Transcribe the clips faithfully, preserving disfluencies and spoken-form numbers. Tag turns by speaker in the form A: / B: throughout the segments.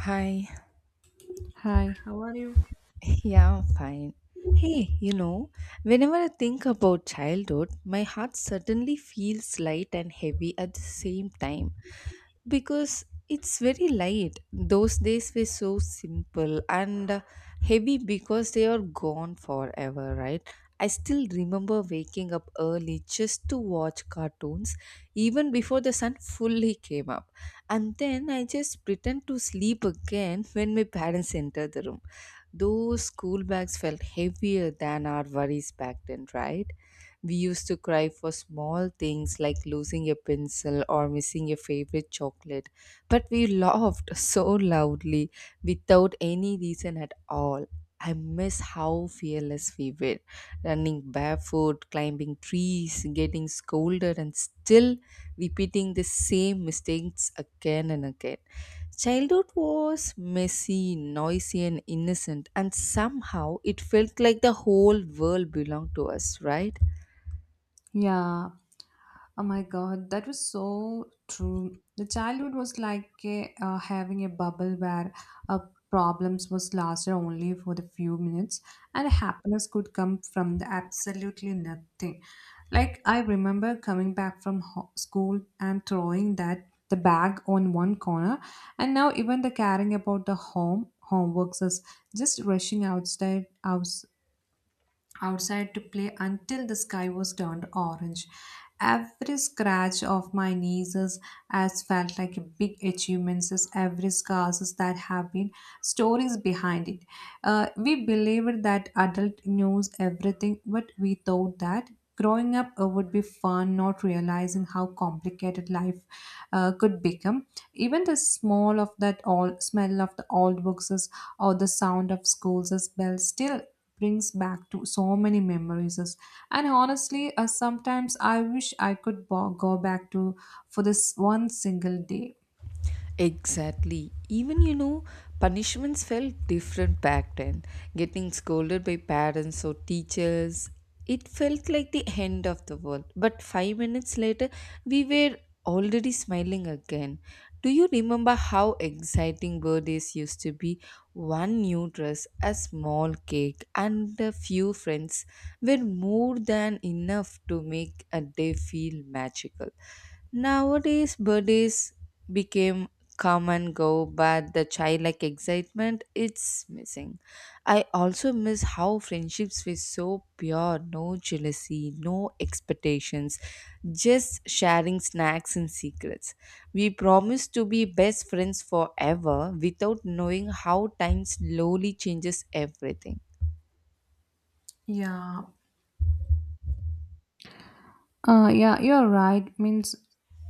A: Hi.
B: Hi, how are you?
A: Yeah, I'm fine. Hey, you know, whenever I think about childhood, my heart suddenly feels light and heavy at the same time because it's very light. Those days were so simple and uh, heavy because they are gone forever, right? I still remember waking up early just to watch cartoons even before the sun fully came up. And then I just pretend to sleep again when my parents enter the room. Those school bags felt heavier than our worries back then, right? We used to cry for small things like losing a pencil or missing a favorite chocolate, but we laughed so loudly without any reason at all. I miss how fearless we were running barefoot, climbing trees, getting scolded, and still repeating the same mistakes again and again. Childhood was messy, noisy, and innocent, and somehow it felt like the whole world belonged to us, right?
B: Yeah, Oh my God, that was so true. The childhood was like a, uh, having a bubble where uh, problems was lasted only for the few minutes, and happiness could come from the absolutely nothing. Like I remember coming back from ho- school and throwing that the bag on one corner, and now even the caring about the home homeworks is just rushing outside house outside to play until the sky was turned orange. Every scratch of my knees has felt like a big achievement, as every scars that have been stories behind it. Uh, we believed that adult knows everything, but we thought that growing up uh, would be fun, not realizing how complicated life uh, could become. Even the smell of that old smell of the old books or the sound of schools bells still brings back to so many memories, and honestly uh, sometimes I wish I could bo- go back to, for this, one single day.
A: Exactly. Even you know, punishments felt different back then. Getting scolded by parents or teachers, it felt like the end of the world. But five minutes later, we were already smiling again. Do you remember how exciting birthdays used to be? One new dress, a small cake, and a few friends were more than enough to make a day feel magical. Nowadays, birthdays became come and go, but the childlike excitement it's missing. I also miss how friendships were so pure, no jealousy, no expectations, just sharing snacks and secrets. We promised to be best friends forever without knowing how time slowly changes everything.
B: Yeah, Uh, yeah, you're right. Means,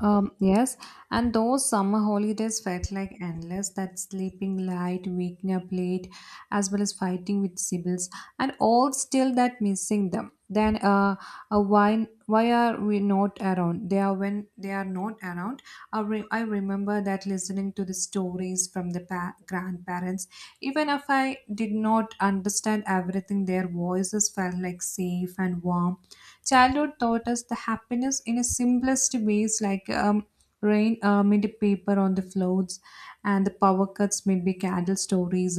B: um, yes. And those summer holidays felt like endless. That sleeping late, waking up late, as well as fighting with siblings, and all still that missing them. Then, uh, uh why why are we not around? They are when they are not around. I, re- I remember that listening to the stories from the pa- grandparents, even if I did not understand everything, their voices felt like safe and warm. Childhood taught us the happiness in a simplest ways, like um, rain uh, made a paper on the floats, and the power cuts made be candle stories,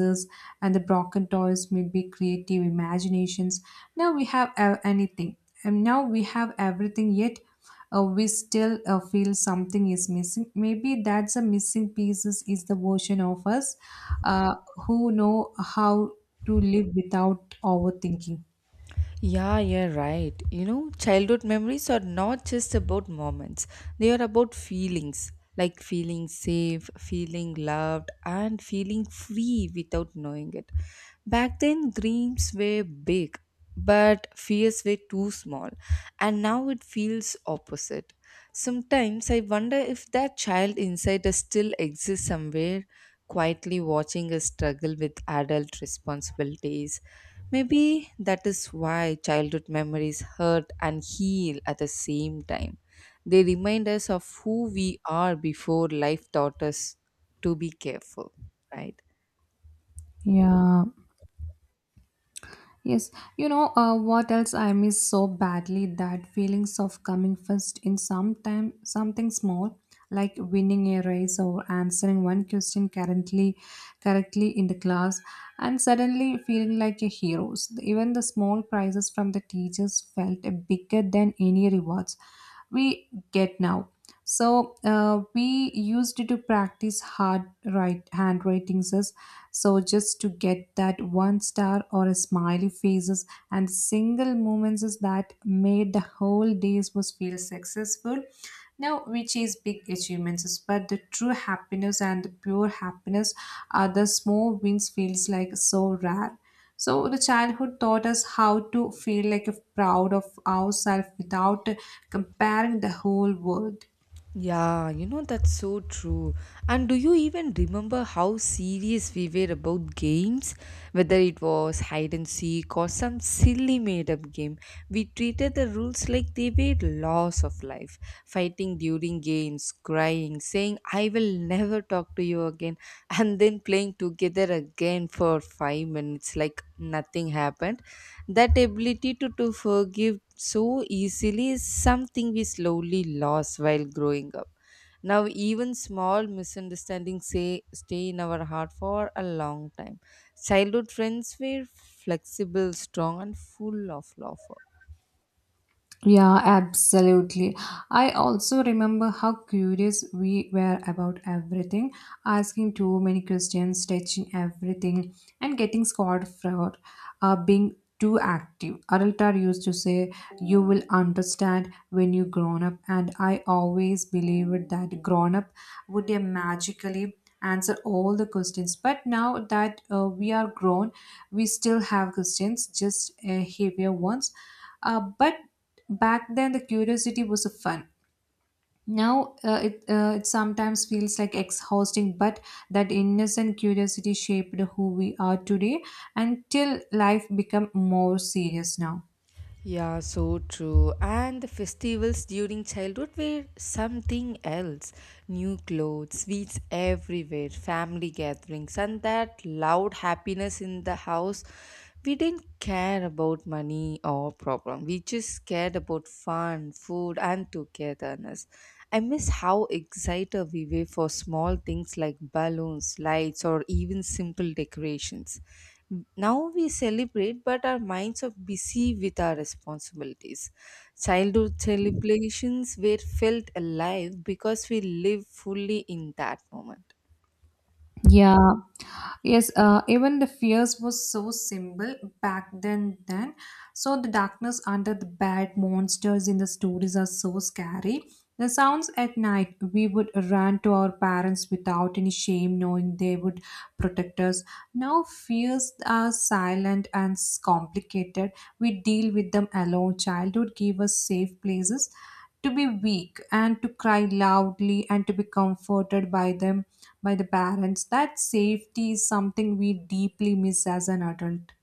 B: and the broken toys made be creative imaginations. Now we have uh, anything, and now we have everything. Yet uh, we still uh, feel something is missing. Maybe that's a missing pieces is the version of us uh, who know how to live without overthinking.
A: Yeah, you're right. You know, childhood memories are not just about moments, they are about feelings like feeling safe, feeling loved, and feeling free without knowing it. Back then, dreams were big, but fears were too small, and now it feels opposite. Sometimes I wonder if that child inside us still exists somewhere, quietly watching us struggle with adult responsibilities. Maybe that is why childhood memories hurt and heal at the same time. They remind us of who we are before life taught us to be careful, right?
B: Yeah, Yes, you know uh, what else I miss so badly, that feelings of coming first in some time something small, like winning a race or answering one question currently correctly in the class and suddenly feeling like a hero. So even the small prizes from the teachers felt bigger than any rewards we get now. So uh, we used to practice hard right handwritings so just to get that one star or a smiley faces, and single moments is that made the whole days was feel successful. Now, which is big achievements, is- but the true happiness and the pure happiness are the small wins feels like so rare. So the childhood taught us how to feel like if proud of ourselves without comparing the whole world.
A: Yeah, you know, that's so true. And do you even remember how serious we were about games? Whether it was hide and seek or some silly made up game, we treated the rules like they were laws of life. Fighting during games, crying, saying, I will never talk to you again, and then playing together again for five minutes like nothing happened. That ability to, to forgive so easily is something we slowly lost while growing up. Now, even small misunderstandings say, stay in our heart for a long time. Childhood friends were flexible, strong, and full of love.
B: Yeah, absolutely. I also remember how curious we were about everything, asking too many questions, touching everything, and getting scored for uh, being too active. Adultar used to say, you will understand when you grown up, and I always believed that grown up would they magically answer all the questions, but now that uh, we are grown, we still have questions, just uh, heavier ones, uh, but back then, the curiosity was a fun. Now, uh, it, uh, it sometimes feels like exhausting, but that innocent curiosity shaped who we are today until life become more serious now.
A: Yeah, so true. And the festivals during childhood were something else. New clothes, sweets everywhere, family gatherings, and that loud happiness in the house. We didn't care about money or problem. We just cared about fun, food, and togetherness. I miss how excited we were for small things like balloons, lights, or even simple decorations. Now we celebrate, but our minds are busy with our responsibilities. Childhood celebrations were felt alive because we live fully in that moment.
B: Yeah, Yes, uh, even the fears was so simple back then. Then, so the darkness under the bed, monsters in the stories are so scary. The sounds at night, we would run to our parents without any shame, knowing they would protect us. Now fears are silent and s- complicated. We deal with them alone. Childhood gave us safe places, to be weak and to cry loudly and to be comforted by them, by the parents, that safety is something we deeply miss as an adult.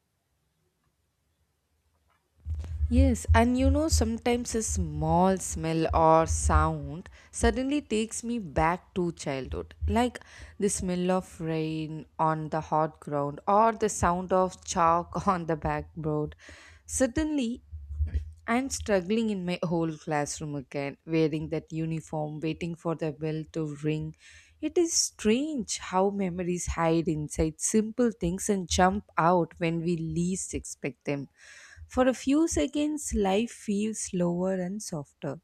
A: Yes, and you know, sometimes a small smell or sound suddenly takes me back to childhood. Like the smell of rain on the hot ground or the sound of chalk on the backboard. Suddenly, I'm struggling in my whole classroom again, wearing that uniform, waiting for the bell to ring. It is strange how memories hide inside simple things and jump out when we least expect them. For a few seconds, life feels slower and softer.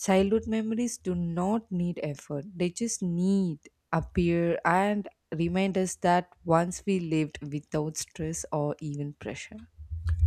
A: Childhood memories do not need effort, they just need appear and remind us that once we lived without stress or even pressure.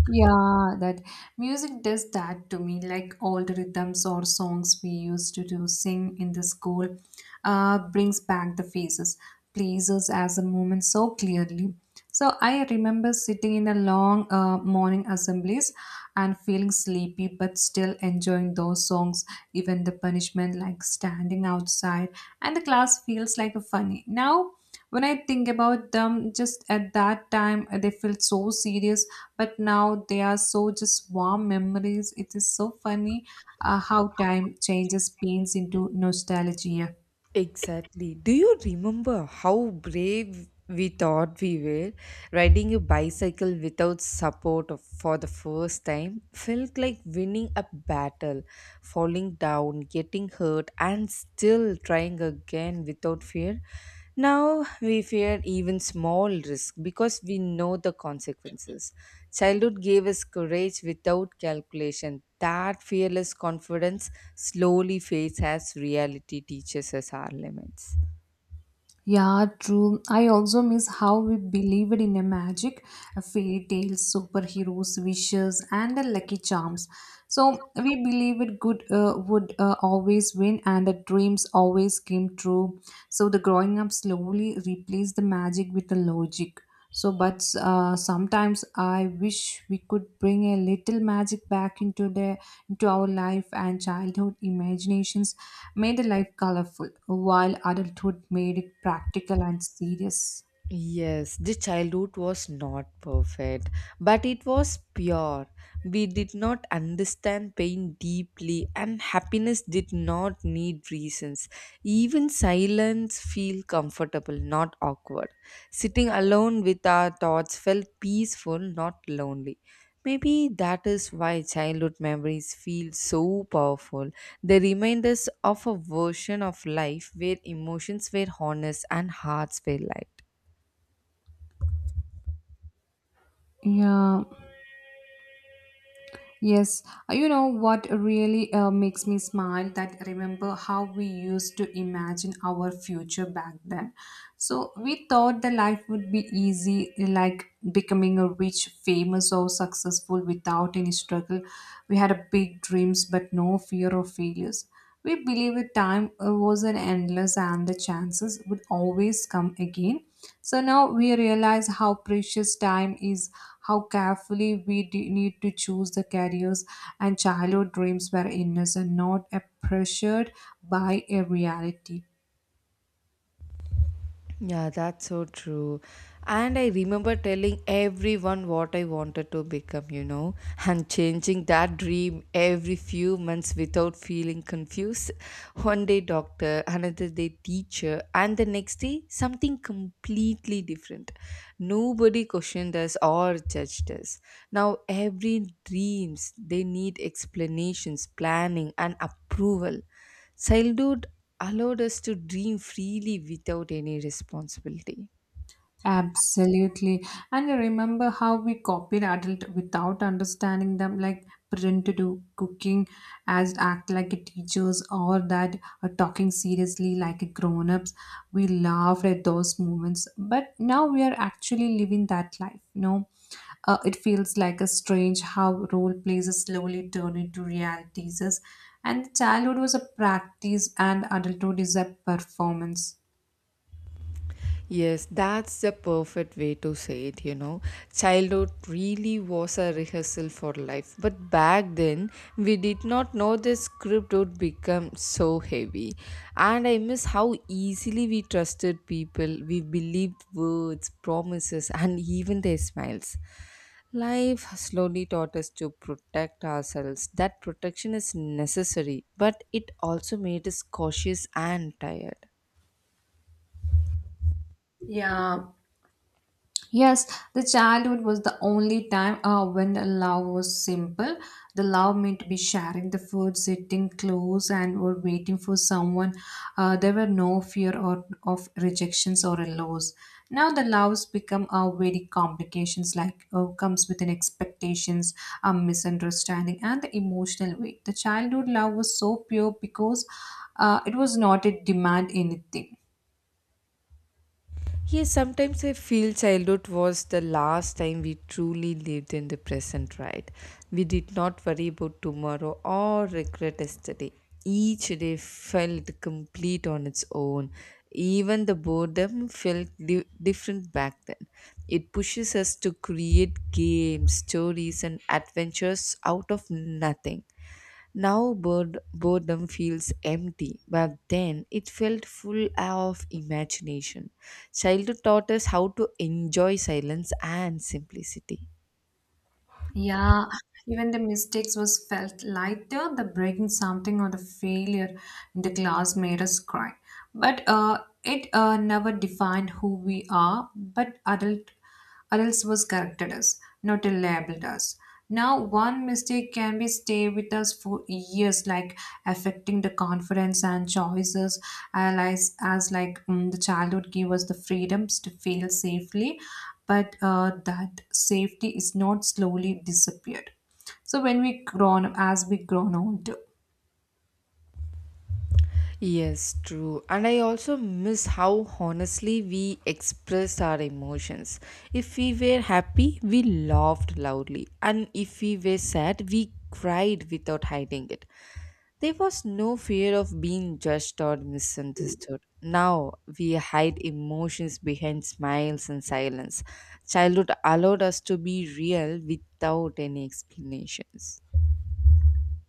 B: Yeah, that music does that to me, like old rhythms or songs we used to do sing in the school, uh, brings back the faces, places as a moment so clearly. So I remember sitting in a long uh, morning assemblies and feeling sleepy, but still enjoying those songs, even the punishment like standing outside, and the class feels like a funny. Now when I think about them, just at that time, uh, they felt so serious, but now they are so just warm memories. It is so funny uh, how time changes pains into nostalgia.
A: Exactly. Do you remember how brave we thought we were? Riding a bicycle without support of- for the first time felt like winning a battle, falling down, getting hurt, and still trying again without fear. Now we fear even small risk because we know the consequences. Childhood gave us courage without calculation. That fearless confidence slowly fades as reality teaches us our limits.
B: Yeah, true. I also miss how we believed in a magic, a fairy tales, superheroes, wishes, and a lucky charms. So we believed good uh, would uh, always win, and the dreams always came true. So the growing up slowly replaced the magic with the logic. So, but uh, sometimes I wish we could bring a little magic back into the into our life, and childhood imaginations made life colorful, while adulthood made it practical and serious.
A: Yes, the childhood was not perfect, but it was pure. We did not understand pain deeply, and happiness did not need reasons. Even silence feel comfortable, not awkward. Sitting alone with our thoughts felt peaceful, not lonely. Maybe that is why childhood memories feel so powerful. They remind us of a version of life where emotions were honest and hearts were light.
B: Yeah, yes. Uh, You know what really uh, makes me smile, that remember how we used to imagine our future back then. So we thought the life would be easy, like becoming a rich, famous, or successful without any struggle. We had a big dreams, but no fear of failures. We believe that time uh, was an endless and the chances would always come again. So now we realize how precious time is, how carefully we d- need to choose the careers, and childhood dreams were innocent, not uh, pressured by a reality.
A: Yeah, that's so true. And I remember telling everyone what I wanted to become, you know, and changing that dream every few months without feeling confused. One day, doctor, another day, teacher, and the next day, something completely different. Nobody questioned us or judged us. Now, every dreams they need explanations, planning, and approval. Childhood allowed us to dream freely without any responsibility.
B: Absolutely. And I remember how we copied adult without understanding them, like pretend to do cooking, as act like a teachers, or that uh, talking seriously like a grown-ups. We laughed at those moments, but now we are actually living that life, you know. Uh, it feels like a strange how role plays are slowly turn into realities. And childhood was a practice and adulthood is a performance.
A: Yes, that's the perfect way to say it, you know. Childhood really was a rehearsal for life. But back then, we did not know the script would become so heavy. And I miss how easily we trusted people, we believed words, promises, and even their smiles. Life slowly taught us to protect ourselves. That protection is necessary, but it also made us cautious and tired.
B: Yeah, Yes, the childhood was the only time uh, when the love was simple. The love meant be sharing the food, sitting close, and were waiting for someone. Uh, there were no fear or of rejections or a loss. Now the loves become uh, very complications, like uh, comes with an expectations, a misunderstanding, and the emotional weight. The childhood love was so pure because uh, it was not a demand anything.
A: Yes, sometimes I feel childhood was the last time we truly lived in the present, right? We did not worry about tomorrow or regret yesterday. Each day felt complete on its own. Even the boredom felt di- different back then. It pushes us to create games, stories, and adventures out of nothing. Now bored, boredom feels empty, but then it felt full of imagination. Childhood taught us how to enjoy silence and simplicity.
B: Yeah, even the mistakes was felt lighter. The breaking something or the failure in the class made us cry. But uh, it uh, never defined who we are. But adult adults was corrected us, not labeled us. Now, one mistake can be stay with us for years, like affecting the confidence and choices. Allies as like mm, the childhood give us the freedoms to feel safely, but uh, that safety is not slowly disappeared. So when we grown as we grown older.
A: Yes, true. And I also miss how honestly we express our emotions. If we were happy, we laughed loudly. And if we were sad, we cried without hiding it. There was no fear of being judged or misunderstood. Now we hide emotions behind smiles and silence. Childhood allowed us to be real without any explanations.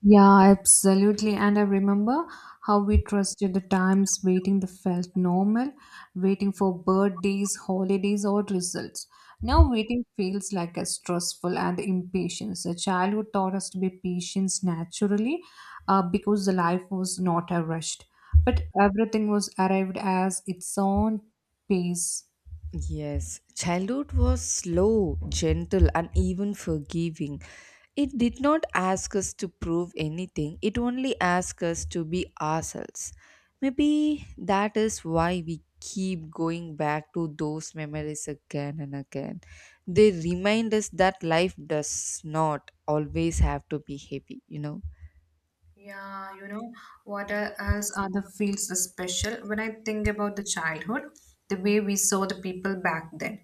B: Yeah, absolutely. And I remember how we trusted the times, waiting that felt normal, waiting for birthdays, holidays, or results. Now, waiting feels like a stressful and impatience. A childhood taught us to be patient naturally uh, because the life was not a rushed, but everything was arrived as its own pace.
A: Yes, childhood was slow, gentle, and even forgiving. It did not ask us to prove anything, it only asked us to be ourselves. Maybe that is why we keep going back to those memories again and again. They remind us that life does not always have to be heavy, you know.
B: Yeah, you know, what else are the fields is special? When I think about the childhood, the way we saw the people back then,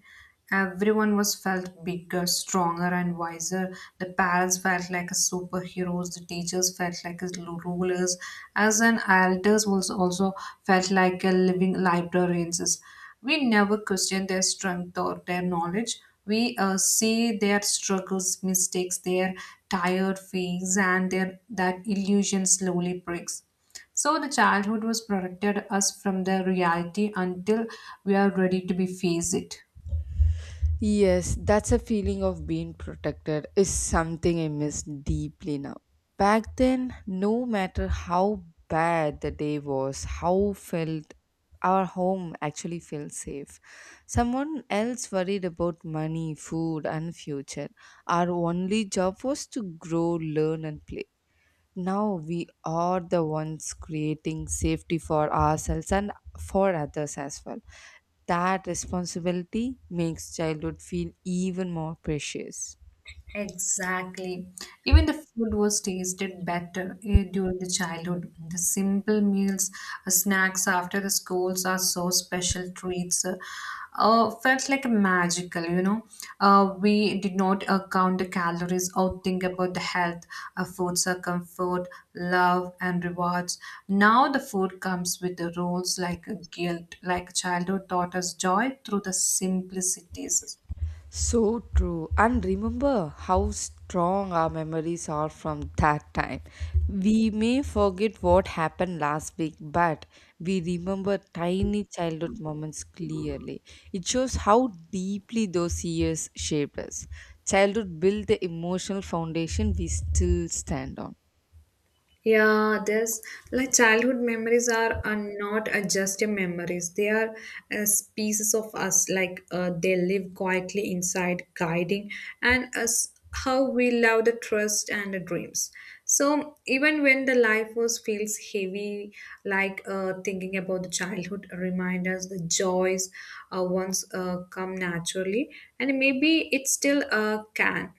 B: everyone was felt bigger, stronger, and wiser. The parents felt like a superheroes, the teachers felt like as lu- rulers, as an elders was also felt like a living librarians. We never question their strength or their knowledge. We uh, see their struggles, mistakes, their tired face, and their, that illusion slowly breaks. So the childhood was protected us from the reality until we are ready to be face it.
A: Yes, that's a feeling of being protected is something I miss deeply now. Back then, no matter how bad the day was, how felt our home actually felt safe. Someone else worried about money, food, and future. Our only job was to grow, learn, and play. Now we are the ones creating safety for ourselves and for others as well. That responsibility makes childhood feel even more precious.
B: Exactly. Even the food was tasted better eh, during the childhood. The simple meals, uh, snacks after the schools are so special treats. Uh, uh, felt like magical, you know. Uh, we did not uh, count the calories or think about the health. Uh, foods are comfort, love, and rewards. Now the food comes with the rules like guilt, like childhood taught us joy through the simplicities.
A: So true. And remember how strong our memories are from that time. We may forget what happened last week, but we remember tiny childhood moments clearly. It shows how deeply those years shaped us. Childhood built the emotional foundation we still stand on.
B: Yeah, there's like childhood memories are, are not uh, just your memories. They are uh, pieces of us. Like uh, they live quietly inside, guiding and us how we love the trust and the dreams. So even when the life was feels heavy, like uh, thinking about the childhood reminders, the joys uh, once uh, come naturally, and maybe it still uh, can.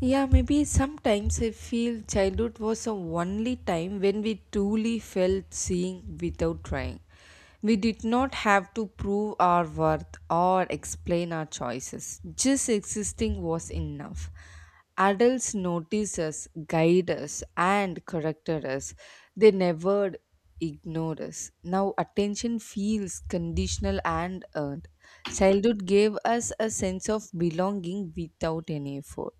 A: Yeah, maybe sometimes I feel childhood was the only time when we truly felt seeing without trying. We did not have to prove our worth or explain our choices. Just existing was enough. Adults noticed us, guide us, and corrected us. They never ignored us. Now attention feels conditional and earned. Childhood gave us a sense of belonging without any effort.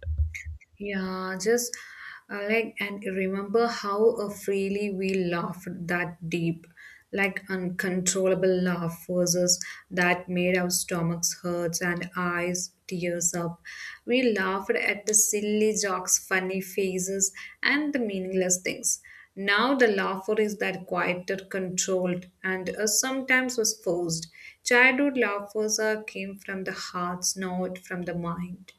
B: Yeah, just uh, like, and remember how uh, freely we laughed that deep, like uncontrollable laugh versus that made our stomachs hurt and eyes tears up. We laughed at the silly jokes, funny faces, and the meaningless things. Now the laughter is that quieter, controlled, and uh, sometimes was forced. Childhood laughers uh, came from the hearts, not from the mind.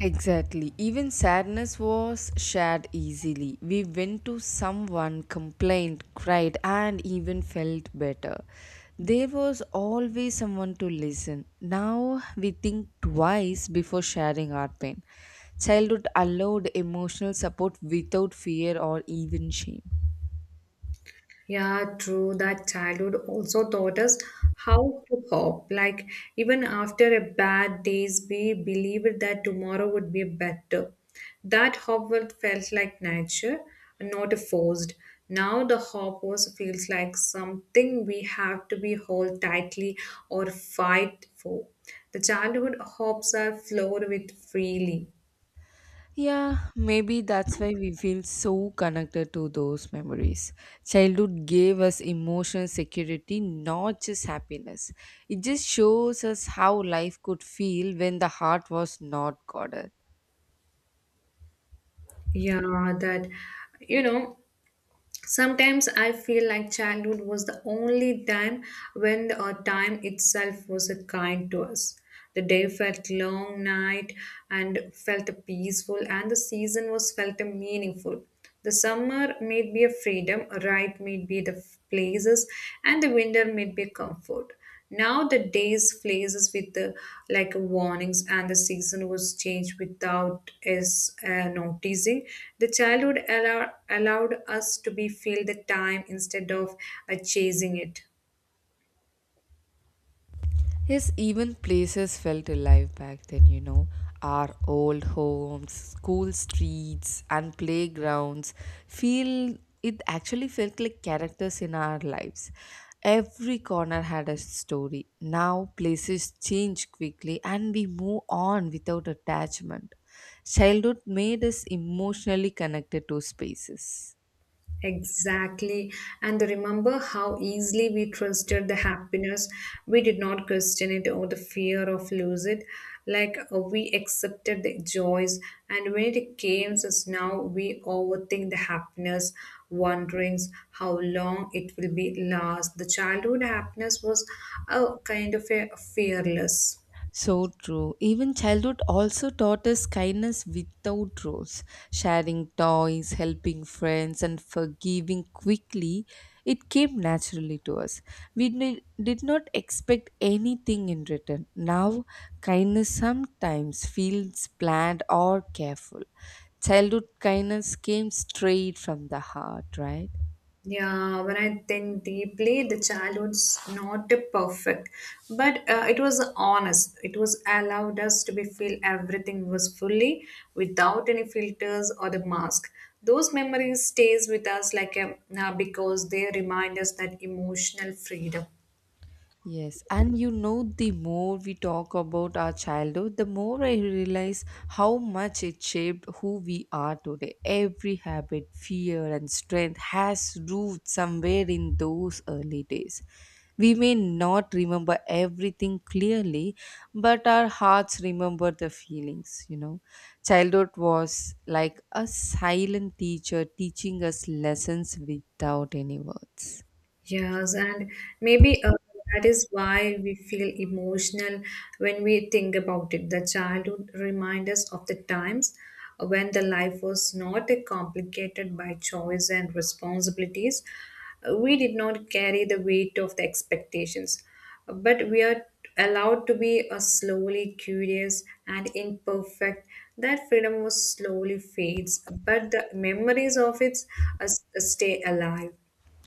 A: Exactly. Even sadness was shared easily. We went to someone, complained, cried, and even felt better. There was always someone to listen. Now we think twice before sharing our pain. Childhood allowed emotional support without fear or even shame.
B: Yeah, true. That childhood also taught us how to hope. Like, even after a bad days, we believed that tomorrow would be better. That hope world felt like nature, not forced. Now the hope was feels like something we have to be hold tightly or fight for. The childhood hopes are flowed with freely.
A: Yeah, maybe that's why we feel so connected to those memories. Childhood gave us emotional security, not just happiness. It just shows us how life could feel when the heart was not guarded.
B: Yeah, that you know Sometimes I feel like childhood was the only time when the uh, time itself was a kind to us. The day felt long night and felt peaceful, and the season was felt meaningful. The summer made me a freedom, right made me the places, and the winter made me comfort. Now the days places with the like warnings and the season was changed without us uh, noticing. The childhood allow, allowed us to be feel the time instead of uh, chasing it.
A: Yes, even places felt alive back then, you know. Our old homes, school streets, and playgrounds feel it actually felt like characters in our lives. Every corner had a story. Now places change quickly and we move on without attachment. Childhood made us emotionally connected to spaces.
B: Exactly. And remember how easily we trusted the happiness. We did not question it or the fear of lose it. Like uh, we accepted the joys. And when it came us now, we overthink the happiness, wondering how long it will be last. The childhood happiness was a kind of a fearless.
A: So true. Even childhood also taught us kindness without rules. Sharing toys, helping friends, and forgiving quickly, it came naturally to us. We ne- did not expect anything in return. Now, kindness sometimes feels planned or careful. Childhood kindness came straight from the heart, right?
B: Yeah, when I think deeply, the childhood's not perfect, but uh, it was honest. It was allowed us to be feel everything was fully without any filters or the mask. Those memories stays with us like a, uh, because they remind us that emotional freedom.
A: Yes, and you know, the more we talk about our childhood, the more I realize how much it shaped who we are today. Every habit, fear, and strength has roots somewhere in those early days. We may not remember everything clearly, but our hearts remember the feelings, you know. Childhood was like a silent teacher teaching us lessons without any words.
B: Yes, and maybe uh, that is why we feel emotional when we think about it. The childhood reminds us of the times when the life was not complicated by choice and responsibilities. We did not carry the weight of the expectations, but we are allowed to be uh, slowly curious and imperfect. That freedom was slowly fades, but the memories of it uh, stay alive.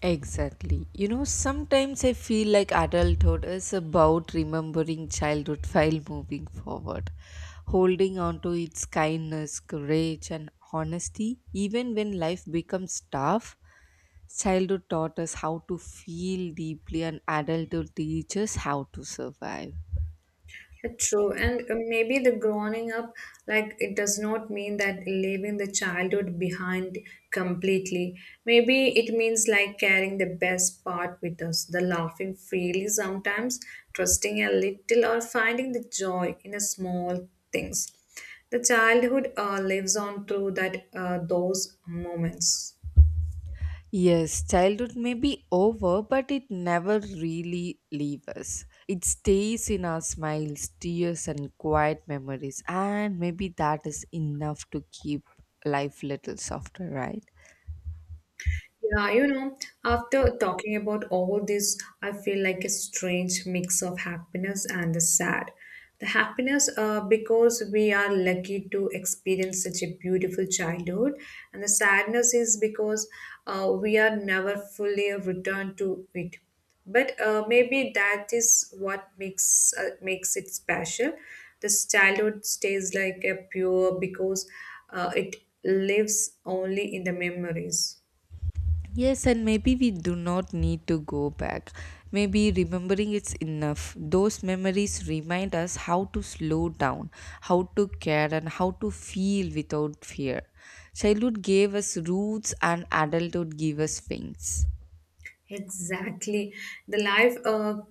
A: Exactly. You know, sometimes I feel like adulthood is about remembering childhood while moving forward, holding on to its kindness, courage, and honesty, even when life becomes tough. Childhood taught us how to feel deeply, and adulthood teaches how to survive.
B: True, and uh, maybe the growing up, like it does not mean that leaving the childhood behind completely. Maybe it means like carrying the best part with us, the laughing freely sometimes, trusting a little, or finding the joy in the small things. The childhood uh, lives on through that uh, those moments.
A: Yes, childhood may be over, but it never really leaves us. It stays in our smiles, tears, and quiet memories, and maybe that is enough to keep life little softer, right?
B: Yeah, you know, after talking about all this, I feel like a strange mix of happiness and the sad. The happiness, uh, because we are lucky to experience such a beautiful childhood, and the sadness is because uh, we are never fully returned to it. But uh, maybe that is what makes uh, makes it special. This childhood stays like a pure because uh, it lives only in the memories.
A: Yes, and maybe we do not need to go back. Maybe remembering it's enough. Those memories remind us how to slow down, how to care, and how to feel without fear. Childhood gave us roots, and adulthood gave us wings.
B: Exactly. The life uh,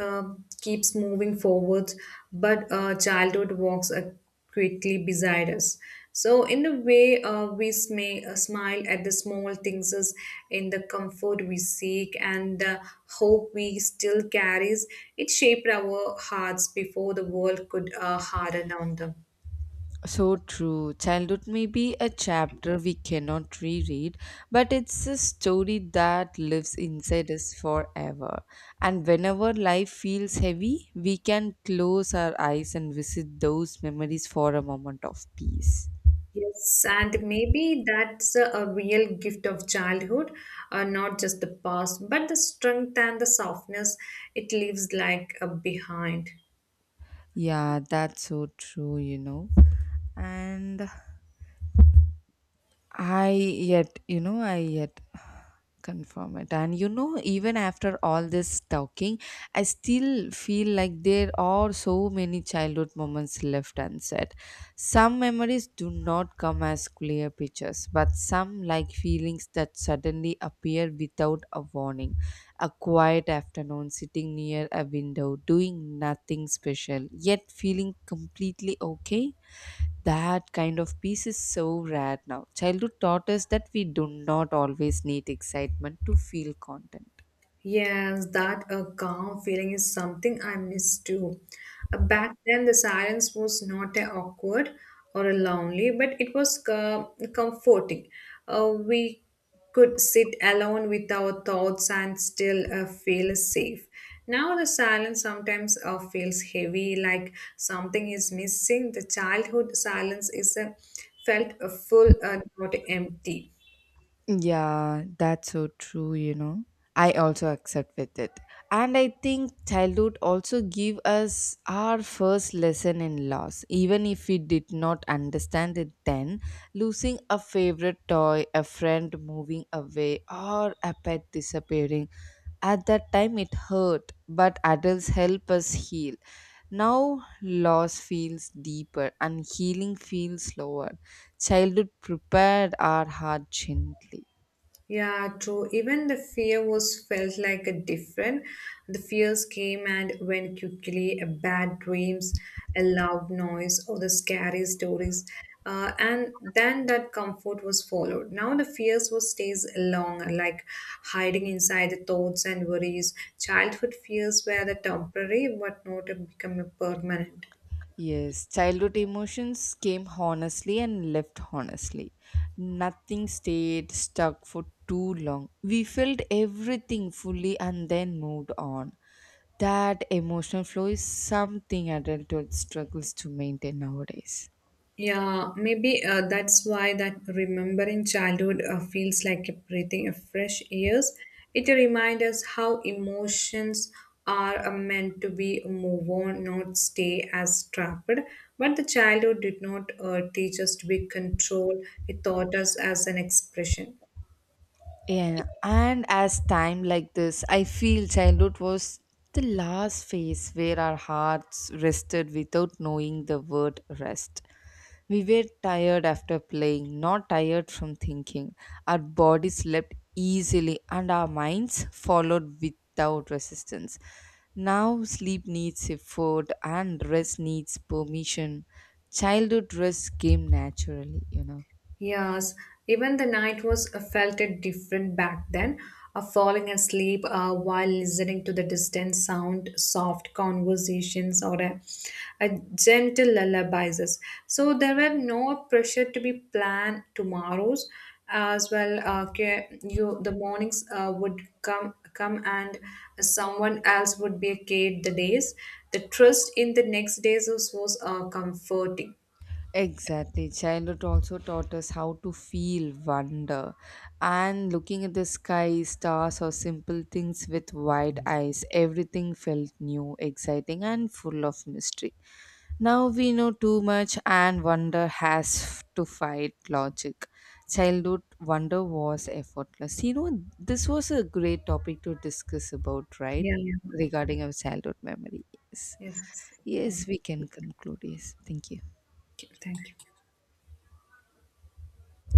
B: uh, keeps moving forward, but uh, childhood walks uh, quickly beside us. So, in a way, uh, we may uh, smile at the small things as in the comfort we seek and the hope we still carries. It shaped our hearts before the world could uh, harden on them.
A: So true. Childhood may be a chapter we cannot reread, but it's a story that lives inside us forever. And whenever life feels heavy, we can close our eyes and visit those memories for a moment of peace.
B: Yes, and maybe that's a a real gift of childhood, uh, not just the past, but the strength and the softness it leaves like uh, behind.
A: Yeah, that's so true, you know. And I yet, you know, I yet confirm it. And you know, even after all this talking, I still feel like there are so many childhood moments left unsaid. Some memories do not come as clear pictures, but some, like feelings that suddenly appear without a warning. A quiet afternoon sitting near a window, doing nothing special, yet feeling completely okay. That kind of peace is so rare now. Childhood taught us that we do not always need excitement to feel content.
B: Yes, that a calm feeling is something I miss too. Uh, Back then, the silence was not a awkward or a lonely, but it was co- comforting. Uh, we could sit alone with our thoughts and still uh, feel safe. Now the silence sometimes uh, feels heavy, like something is missing. The childhood silence is a felt uh, full, uh, not empty.
A: Yeah, that's so true, you know. I also accept with it. And I think childhood also give us our first lesson in loss. Even if we did not understand it then, losing a favorite toy, a friend moving away, or a pet disappearing. At that time, it hurt, but adults help us heal. Now, loss feels deeper and healing feels slower. Childhood prepared our heart gently.
B: Yeah, true. Even the fear was felt like a different. The fears came and went quickly, a bad dreams, a loud noise, or the scary stories. Uh, and then that comfort was followed. Now the fears was stays long, like hiding inside the thoughts and worries. Childhood fears were the temporary, but not a become a permanent.
A: Yes, childhood emotions came honestly and left honestly. Nothing stayed stuck for too long. We felt everything fully and then moved on. That emotional flow is something adulthood struggles to maintain nowadays.
B: Yeah, maybe uh, that's why that remembering childhood uh, feels like a breathing of fresh airs. It reminds us how emotions are uh, meant to be move on, not stay as trapped. But the childhood did not uh, teach us to be controlled; it taught us as an expression.
A: Yeah, and as time like this, I feel childhood was the last phase where our hearts rested without knowing the word rest. We were tired after playing, not tired from thinking. Our bodies slept easily and our minds followed without resistance. Now sleep needs effort and rest needs permission. Childhood rest came naturally, you know.
B: Yes, even the night was uh, felt it different back then. Uh, falling asleep uh, while listening to the distant sound, soft conversations, or a, a gentle lullabies. So there were no pressure to be planned tomorrows as well. Uh, ca- you the mornings uh, would come come and someone else would be carried the days. The trust in the next days was, was uh, comforting.
A: Exactly. Childhood also taught us how to feel wonder and looking at the sky, stars, or simple things with wide eyes. Everything felt new, exciting, and full of mystery. Now we know too much, and wonder has to fight logic. Childhood wonder was effortless. You know, this was a great topic to discuss about, right?
B: Yeah.
A: Regarding our childhood memories.
B: Yes.
A: Yes,
B: Come.
A: we can conclude. Yes, thank you.
B: Okay, thank you.